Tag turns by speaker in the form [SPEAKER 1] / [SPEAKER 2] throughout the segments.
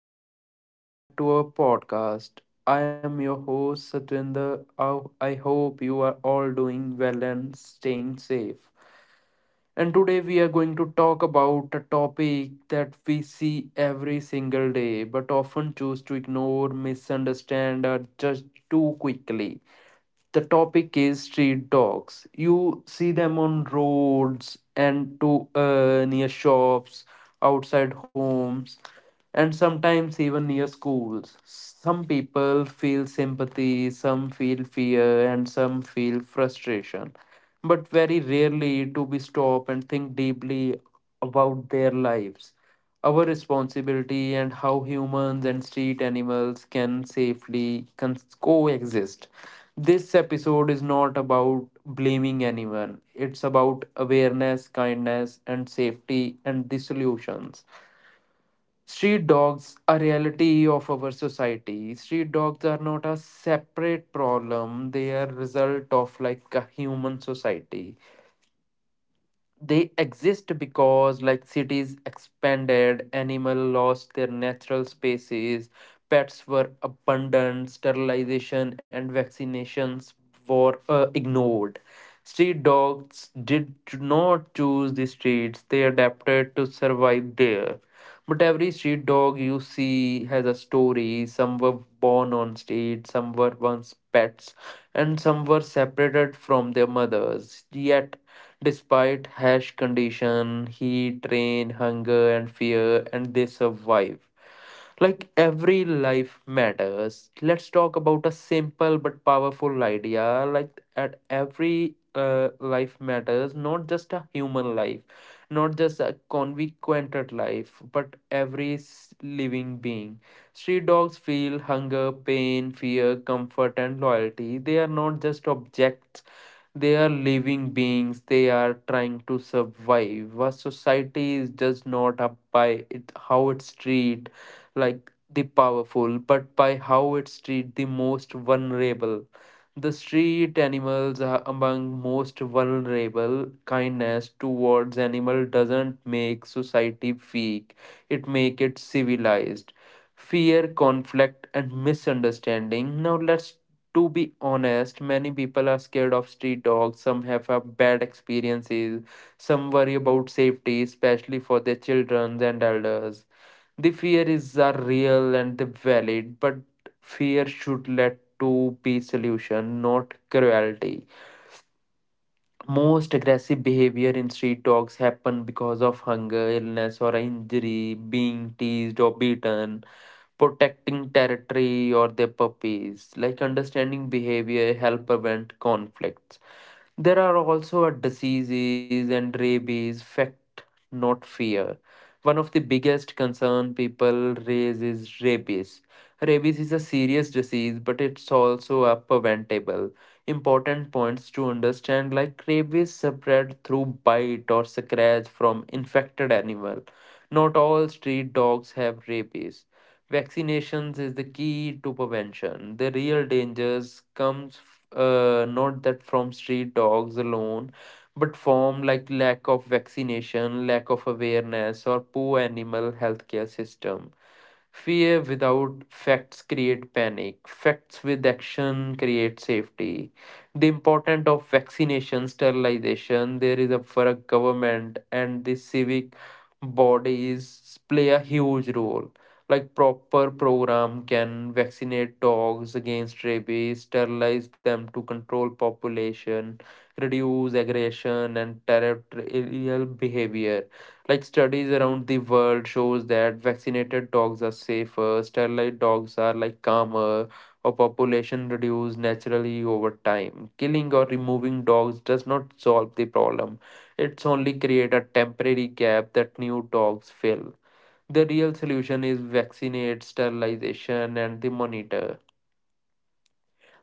[SPEAKER 1] everyone, welcome back to our podcast. I am your host Satwinder. I hope you are all doing well and staying safe. And today we are going to talk about a topic that we see every single day but often choose to ignore, misunderstand, or judge too quickly. The topic is street dogs. You see them on roads and to near shops, outside homes, and sometimes even near schools. Some people feel sympathy, some feel fear, and some feel frustration, but very rarely do we stop and think deeply about their lives, our responsibility, and how humans and street animals can safely coexist. This episode is not about blaming anyone, it's about awareness, kindness, and safety, and the solutions. Street dogs are reality of our society. Street dogs are not a separate problem, they are result of like a human society. They exist because like cities expanded, animal lost their natural spaces, pets were abundant, sterilization and vaccinations were ignored. Street dogs did not choose the streets, they adapted to survive there. But every street dog you see has a story. Some were born on street, some were once pets, and some were separated from their mothers. Yet, despite harsh condition, heat, rain, hunger, and fear, and they survive. Like every life matters. Let's talk about a simple but powerful idea. Like at every life matters, not just a human life, not just a consequented life, but every living being. Street dogs feel hunger, pain, fear, comfort, and loyalty. They are not just objects, they are living beings. They are trying to survive. A society is just not up by it, how it treat like the powerful, but by how it treat the most vulnerable. The street animals are among most vulnerable. Kindness towards animal doesn't make society weak; it makes it civilized. Fear, conflict, and misunderstanding. Now let's to be honest, many people are scared of street dogs. Some have a bad experiences. Some worry about safety, especially for their children and elders. The fears are real and the valid, but fear should lead to peace solution, not cruelty. Most aggressive behavior in street dogs happen because of hunger, illness, or injury, being teased or beaten, protecting territory or their puppies. Like understanding behavior help prevent conflicts. There are also a diseases and rabies, fact, not fear. One of the biggest concern people raise is rabies. Rabies is a serious disease, but it's also a preventable. Important points to understand like rabies spread through bite or scratch from infected animal. Not all street dogs have rabies. Vaccinations is the key to prevention. The real dangers comes not that from street dogs alone, but from like lack of vaccination, lack of awareness, or poor animal healthcare system. Fear without facts create panic. Facts with action create safety. The importance of vaccination, sterilization, there is a for a government and the civic bodies play a huge role. Like proper program can vaccinate dogs against rabies, sterilize them to control population, reduce aggression and territorial behavior. Like studies around the world shows that vaccinated dogs are safer, sterilized dogs are like calmer, or population reduce naturally over time. Killing or removing dogs does not solve the problem. It's only create a temporary gap that new dogs fill. The real solution is vaccinate, sterilization, and the monitor.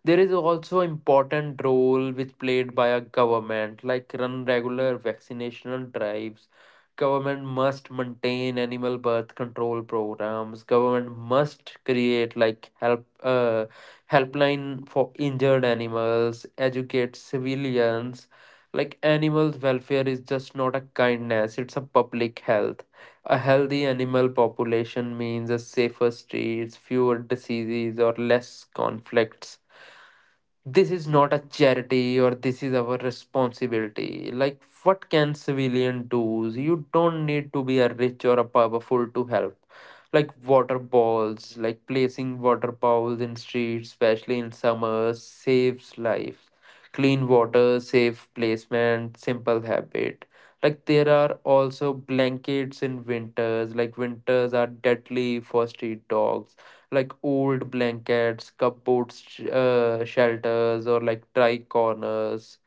[SPEAKER 1] There is also important role which played by a government, like run regular vaccinational drives. Government must maintain animal birth control programs. Government must create like helpline for injured animals. Educate civilians. Like animal welfare is just not a kindness; it's a public health. A healthy animal population means a safer streets, fewer diseases, or less conflicts. This is not a charity or this is our responsibility. Like, what can civilian do? You don't need to be a rich or a powerful to help. Like water balls, like placing water bowls in streets, especially in summers, saves lives. Clean water, safe placement, simple habit. Like there are also blankets in winters. Like winters are deadly for street dogs, like old blankets, cupboard shelters, or like dry corners.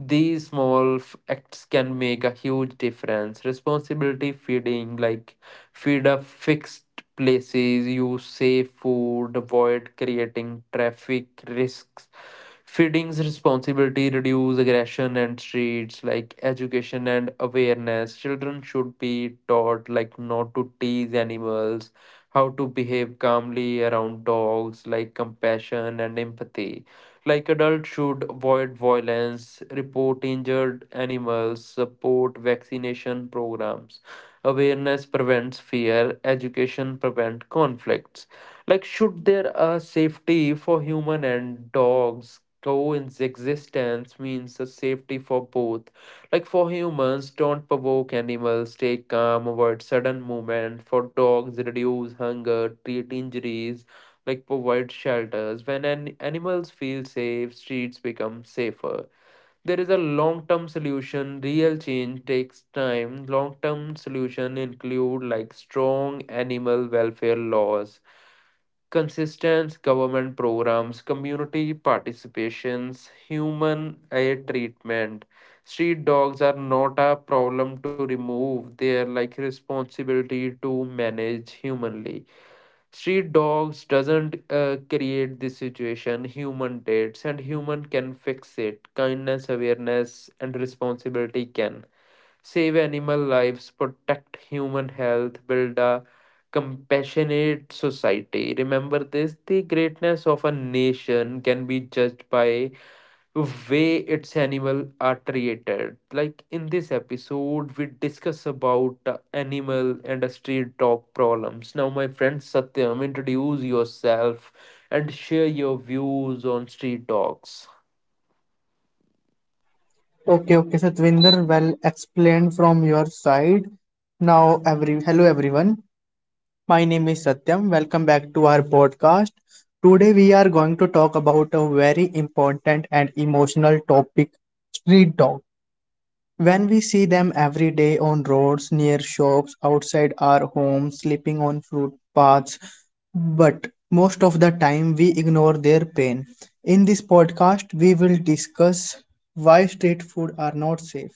[SPEAKER 1] These small acts can make a huge difference. Responsibility feeding, like feed up fixed places, use safe food, avoid creating traffic risks. Feeding's responsibility reduce aggression and streets, like education and awareness. Children should be taught like not to tease animals, how to behave calmly around dogs, like compassion and empathy. Like adults should avoid violence, report injured animals, support vaccination programs. Awareness prevents fear, education prevents conflicts. Like should there a safety for human and dogs? Coexistence means a safety for both, like for humans don't provoke animals, stay calm, avoid sudden movement. For dogs reduce hunger, treat injuries, like provide shelters. When an animals feel safe, streets become safer. There is a long-term solution. Real change takes time. Long-term solution include like strong animal welfare laws, consistent government programs, community participations, human aid treatment. Street dogs are not a problem to remove. They are like responsibility to manage humanly. Street dogs doesn't create this situation. Human did, and human can fix it. Kindness, awareness, and responsibility can save animal lives, protect human health, build a compassionate society. Remember this: the greatness of a nation can be judged by way its animal are treated. Like in this episode we discuss about animal and street dog problems. Now my friend Satyam, introduce yourself and share your views on street dogs.
[SPEAKER 2] Okay, okay, Satvinder, well explained from your side. Now, every hello everyone. My name is Satyam. Welcome back to our podcast. Today we are going to talk about a very important and emotional topic, street dog. When we see them every day on roads, near shops, outside our homes, sleeping on footpaths, but most of the time we ignore their pain. In this podcast, we will discuss why street food are not safe.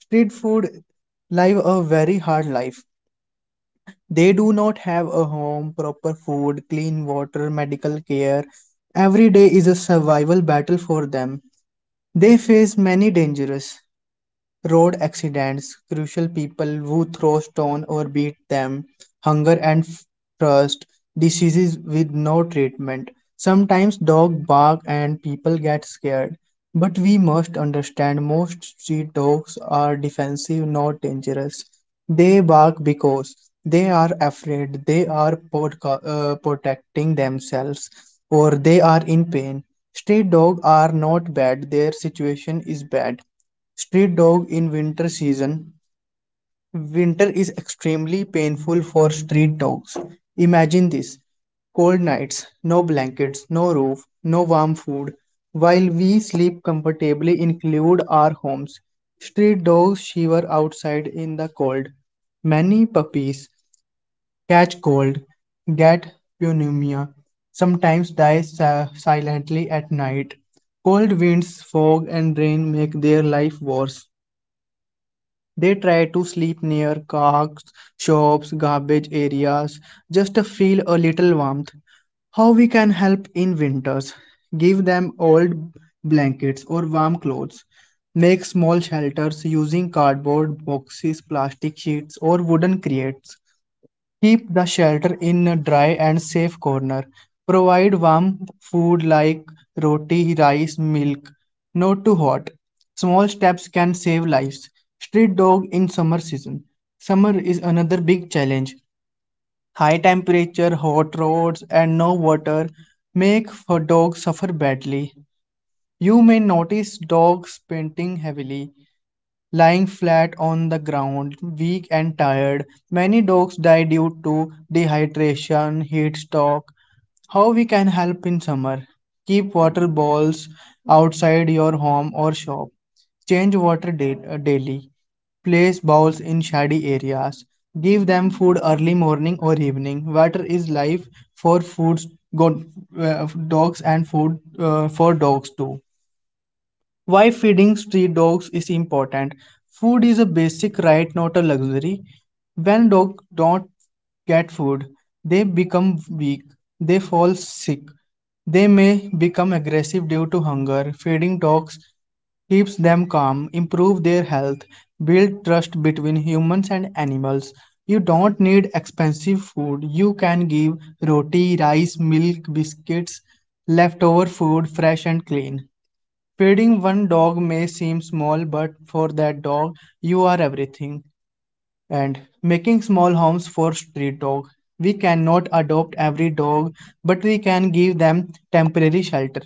[SPEAKER 2] Street food live a very hard life. They do not have a home, proper food, clean water, medical care. Every day is a survival battle for them. They face many dangers. Road accidents, crucial people who throw stone or beat them, hunger and thirst, diseases with no treatment. Sometimes dogs bark and people get scared. But we must understand most street dogs are defensive, not dangerous. They bark because they are afraid, they are protecting themselves or they are in pain. Street dogs are not bad, their situation is bad. Street dog in winter season. Winter is extremely painful for street dogs. Imagine this: cold nights, no blankets, no roof, no warm food. While we sleep comfortably in include our homes, street dogs shiver outside in the cold. Many puppies catch cold, get pneumonia, sometimes silently at night. Cold winds, fog, and rain make their life worse. They try to sleep near cars, shops, garbage areas just to feel a little warmth. How we can help in winters? Give them old blankets or warm clothes. Make small shelters using cardboard boxes, plastic sheets, or wooden crates. Keep the shelter in a dry and safe corner. Provide warm food like roti, rice, milk, not too hot. Small steps can save lives. Street dog in summer season. Summer is another big challenge. High temperature, hot roads, and no water make for dogs suffer badly. You may notice dogs panting heavily, lying flat on the ground, weak and tired. Many dogs die due to dehydration, heat stroke. How we can help in summer? Keep water balls outside your home or shop. Change water daily. Place bowls in shady areas. Give them food early morning or evening. Water is life for foods, go, dogs and food for dogs too. Why feeding street dogs is important. Food is a basic right, not a luxury. When dogs don't get food, they become weak, they fall sick, they may become aggressive due to hunger. Feeding dogs keeps them calm, improve their health, build trust between humans and animals. You don't need expensive food. You can give roti, rice, milk, biscuits, leftover food, fresh and clean. Feeding one dog may seem small, but for that dog, you are everything. And making small homes for street dog. We cannot adopt every dog, but we can give them temporary shelter.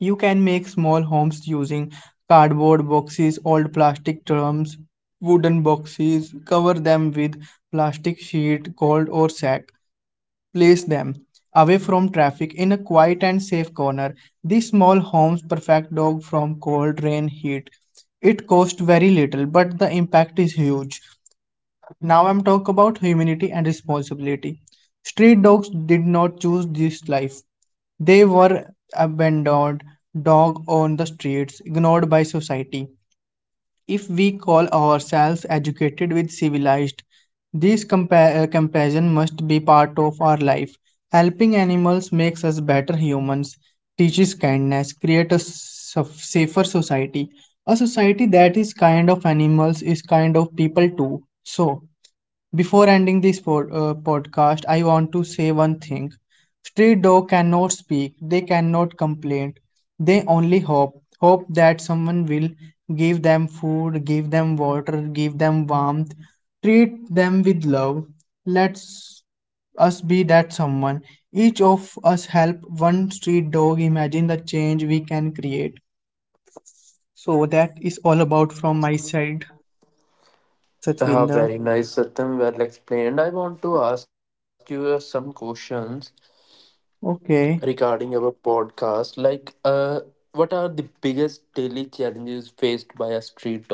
[SPEAKER 2] You can make small homes using cardboard boxes, old plastic drums, wooden boxes. Cover them with plastic sheet, gold or sack. Place them away from traffic in a quiet and safe corner. These small homes perfect dog from cold, rain, heat. It costs very little, but the impact is huge. Now I'm talk about humanity and responsibility. Street dogs did not choose this life. They were abandoned, dog on the streets, ignored by society. If we call ourselves educated with civilized, this comparison must be part of our life. Helping animals makes us better humans, teaches kindness, creates a safer society. A society that is kind of animals is kind of people too. So, before ending this podcast, I want to say one thing. Street dog cannot speak, they cannot complain. They only hope, hope that someone will give them food, give them water, give them warmth, treat them with love. Let's us be that someone. Each of us help one street dog imagine the change we can create. So that is all about from my side,
[SPEAKER 1] Ah,
[SPEAKER 2] Satvinder.
[SPEAKER 1] very nice, Satyam. Well explained. I want to ask you some questions
[SPEAKER 2] Okay.
[SPEAKER 1] regarding our podcast. What are the biggest daily challenges faced by a street dog?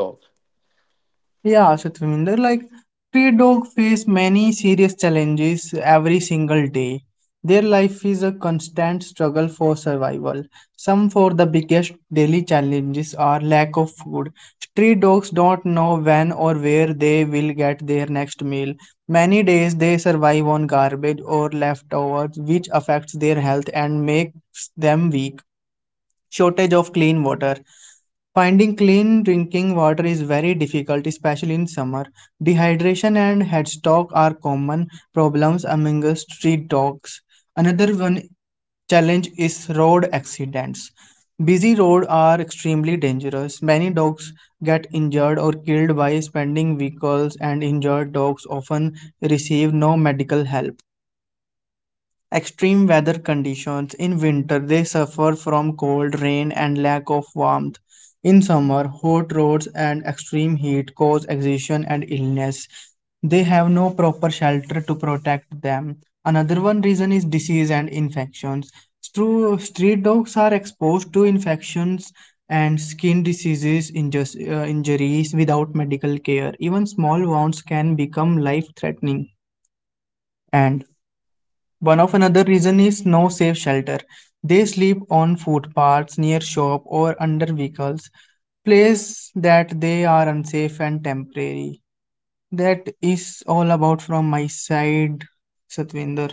[SPEAKER 2] Yeah, Satvinder, like stray dog face many serious challenges every single day. Their life is a constant struggle for survival. Some for the biggest daily challenges are lack of food. Stray dogs don't know when or where they will get their next meal. Many days they survive on garbage or leftovers, which affects their health and makes them weak. Shortage of clean water. Finding clean drinking water is very difficult, especially in summer. Dehydration and headstock are common problems among the street dogs. Another one challenge is road accidents. Busy roads are extremely dangerous. Many dogs get injured or killed by speeding vehicles, and injured dogs often receive no medical help. Extreme weather conditions. In winter, they suffer from cold, rain, and lack of warmth. In summer, hot roads and extreme heat cause exhaustion and illness. They have no proper shelter to protect them. Another one reason is disease and infections. Street dogs are exposed to infections and skin diseases, injuries without medical care. Even small wounds can become life threatening. And one of another reason is no safe shelter. They sleep on footpaths, near shop or under vehicles, place that they are unsafe and temporary. That is all about from my side, Satvinder.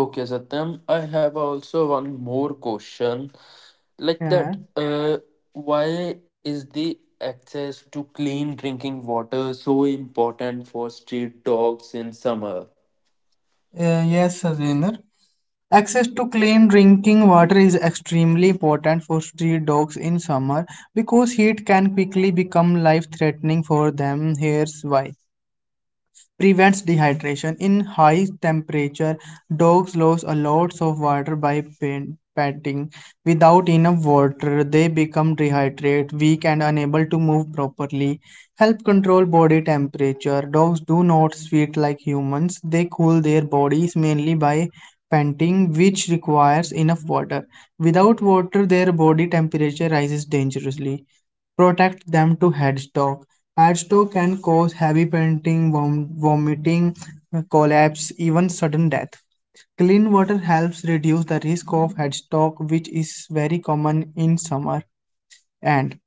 [SPEAKER 1] Okay, Satyam, I have also one more question. Like
[SPEAKER 2] Yeah.
[SPEAKER 1] that, uh, why is the access to clean drinking water so important for street dogs in summer?
[SPEAKER 2] Yes, Satvinder. Access to clean drinking water is extremely important for street dogs in summer because heat can quickly become life threatening for them. Here's why. Prevents dehydration. In high temperature, dogs lose a lot of water by patting. Without enough water, they become dehydrated, weak, and unable to move properly. Help control body temperature. Dogs do not sweat like humans. They cool their bodies mainly by panting, which requires enough water. Without water, their body temperature rises dangerously. Protect them to headstock. Headstock can cause heavy panting, vomiting, collapse, even sudden death. Clean water helps reduce the risk of headstock, which is very common in summer. And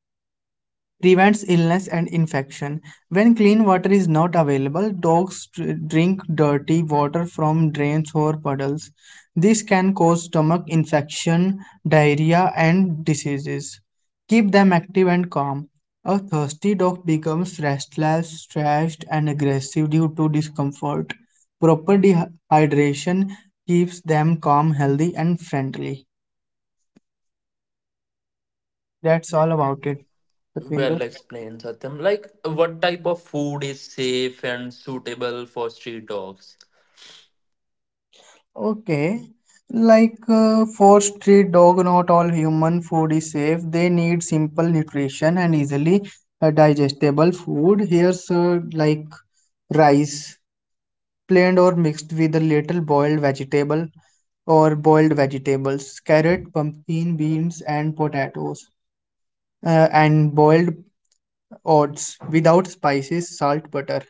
[SPEAKER 2] prevents illness and infection. When clean water is not available, dogs drink dirty water from drains or puddles. This can cause stomach infection, diarrhea, and diseases. Keep them active and calm. A thirsty dog becomes restless, stressed, and aggressive due to discomfort. Proper dehydration keeps them calm, healthy, and friendly. That's all about it,
[SPEAKER 1] Well
[SPEAKER 2] Satvinder.
[SPEAKER 1] explained, Satyam. Like, what type of food is safe and suitable for street dogs?
[SPEAKER 2] Okay. For street dog, not all human food is safe. They need simple nutrition and easily digestible food. Here's like rice, plain or mixed with a little boiled vegetable or boiled vegetables, carrot, pumpkin, beans, and potatoes, and boiled oats without spices, salt, butter.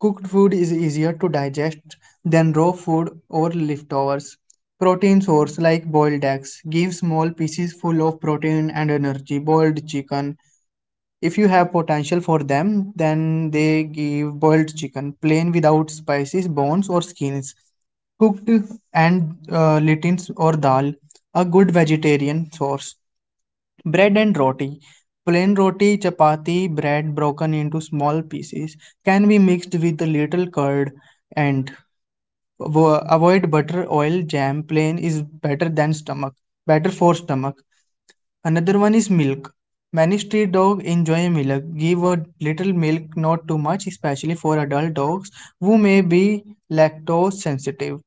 [SPEAKER 2] Cooked food is easier to digest than raw food or leftovers. Protein source like boiled eggs give small pieces full of protein and energy. Boiled chicken, if you have potential for them, then they give boiled chicken, plain without spices, bones, or skins. Cooked and lentils or dal, a good vegetarian source. Bread and roti. Plain roti, chapati, bread broken into small pieces can be mixed with a little curd and avoid butter, oil, jam. Plain is better than stomach. Better for stomach. Another one is milk. Many street dogs enjoy milk. Give a little milk, not too much, especially for adult dogs who may be lactose sensitive.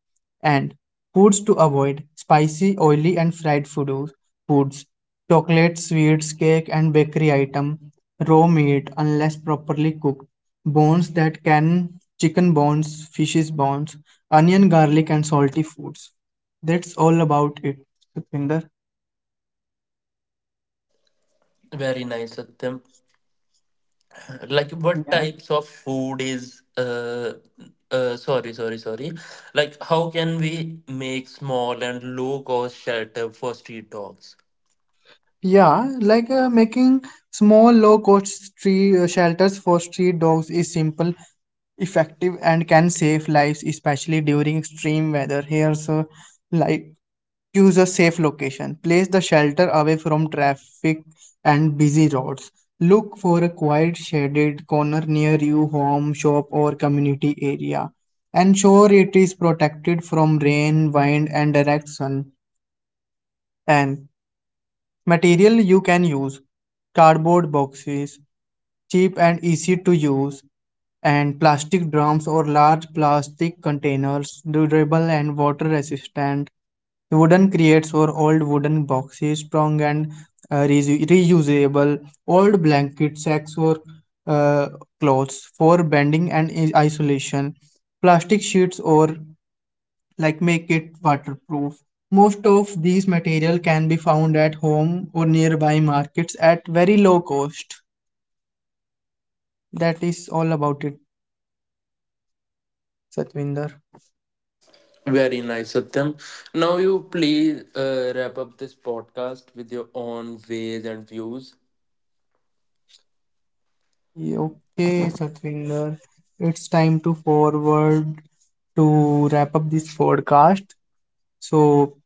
[SPEAKER 2] And foods to avoid: spicy, oily, and fried food, foods, chocolate, sweets, cake, and bakery item, raw meat unless properly cooked, bones that can chicken bones, fishes bones, onion, garlic, and salty foods. That's all about it, Satvinder.
[SPEAKER 1] Very nice, Satyam. Like what
[SPEAKER 2] Yes.
[SPEAKER 1] types of food is sorry, like how can we make small and low cost shelter for street dogs?
[SPEAKER 2] Yeah, making small low-cost tree shelters for street dogs is simple, effective, and can save lives, especially during extreme weather. Here's like choose a safe location. Place the shelter away from traffic and busy roads. Look for a quiet, shaded corner near your home, shop, or community area. Ensure it is protected from rain, wind, and direct sun. And material you can use: cardboard boxes, cheap and easy to use, and plastic drums or large plastic containers, durable and water resistant. Wooden crates or old wooden boxes, strong and reusable. Old blanket sacks or uh, clothes for bending and isolation. Plastic sheets or like make it waterproof. Most of these material can be found at home or nearby markets at very low cost. That is all about it, Satvinder.
[SPEAKER 1] Very nice Satyam, now you please wrap up this podcast with your own ways and views.
[SPEAKER 2] Yeah. Okay, Satvinder, it's time to wrap up this podcast. So,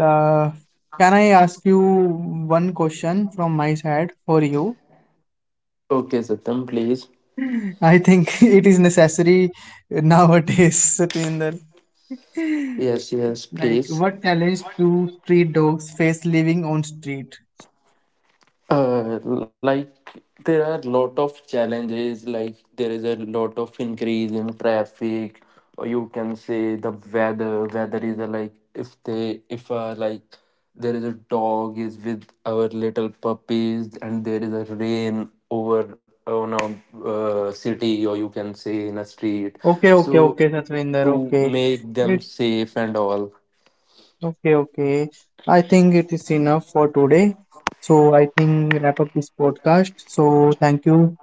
[SPEAKER 2] la can I ask you one question from my side for you?
[SPEAKER 1] Okay Satyam, please.
[SPEAKER 2] I think it is necessary nowadays, Satvinder.
[SPEAKER 1] Yes yes
[SPEAKER 2] Like,
[SPEAKER 1] please.
[SPEAKER 2] what challenge do street dogs face living on street?
[SPEAKER 1] Like there are lot of challenges, like there is a lot of increase in traffic, or you can say the weather is a, like if they if like there is a dog is with our little puppies and there is a rain over on a city, or you can say in a street,
[SPEAKER 2] Okay, okay,
[SPEAKER 1] so
[SPEAKER 2] okay, Satvinder.
[SPEAKER 1] to
[SPEAKER 2] Okay,
[SPEAKER 1] make them
[SPEAKER 2] it
[SPEAKER 1] safe and all.
[SPEAKER 2] okay, okay. I think it is enough for today. So I think wrap up this podcast. So thank you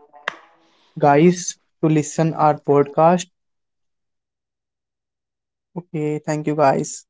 [SPEAKER 2] guys to listen our podcast. Okay, thank you guys.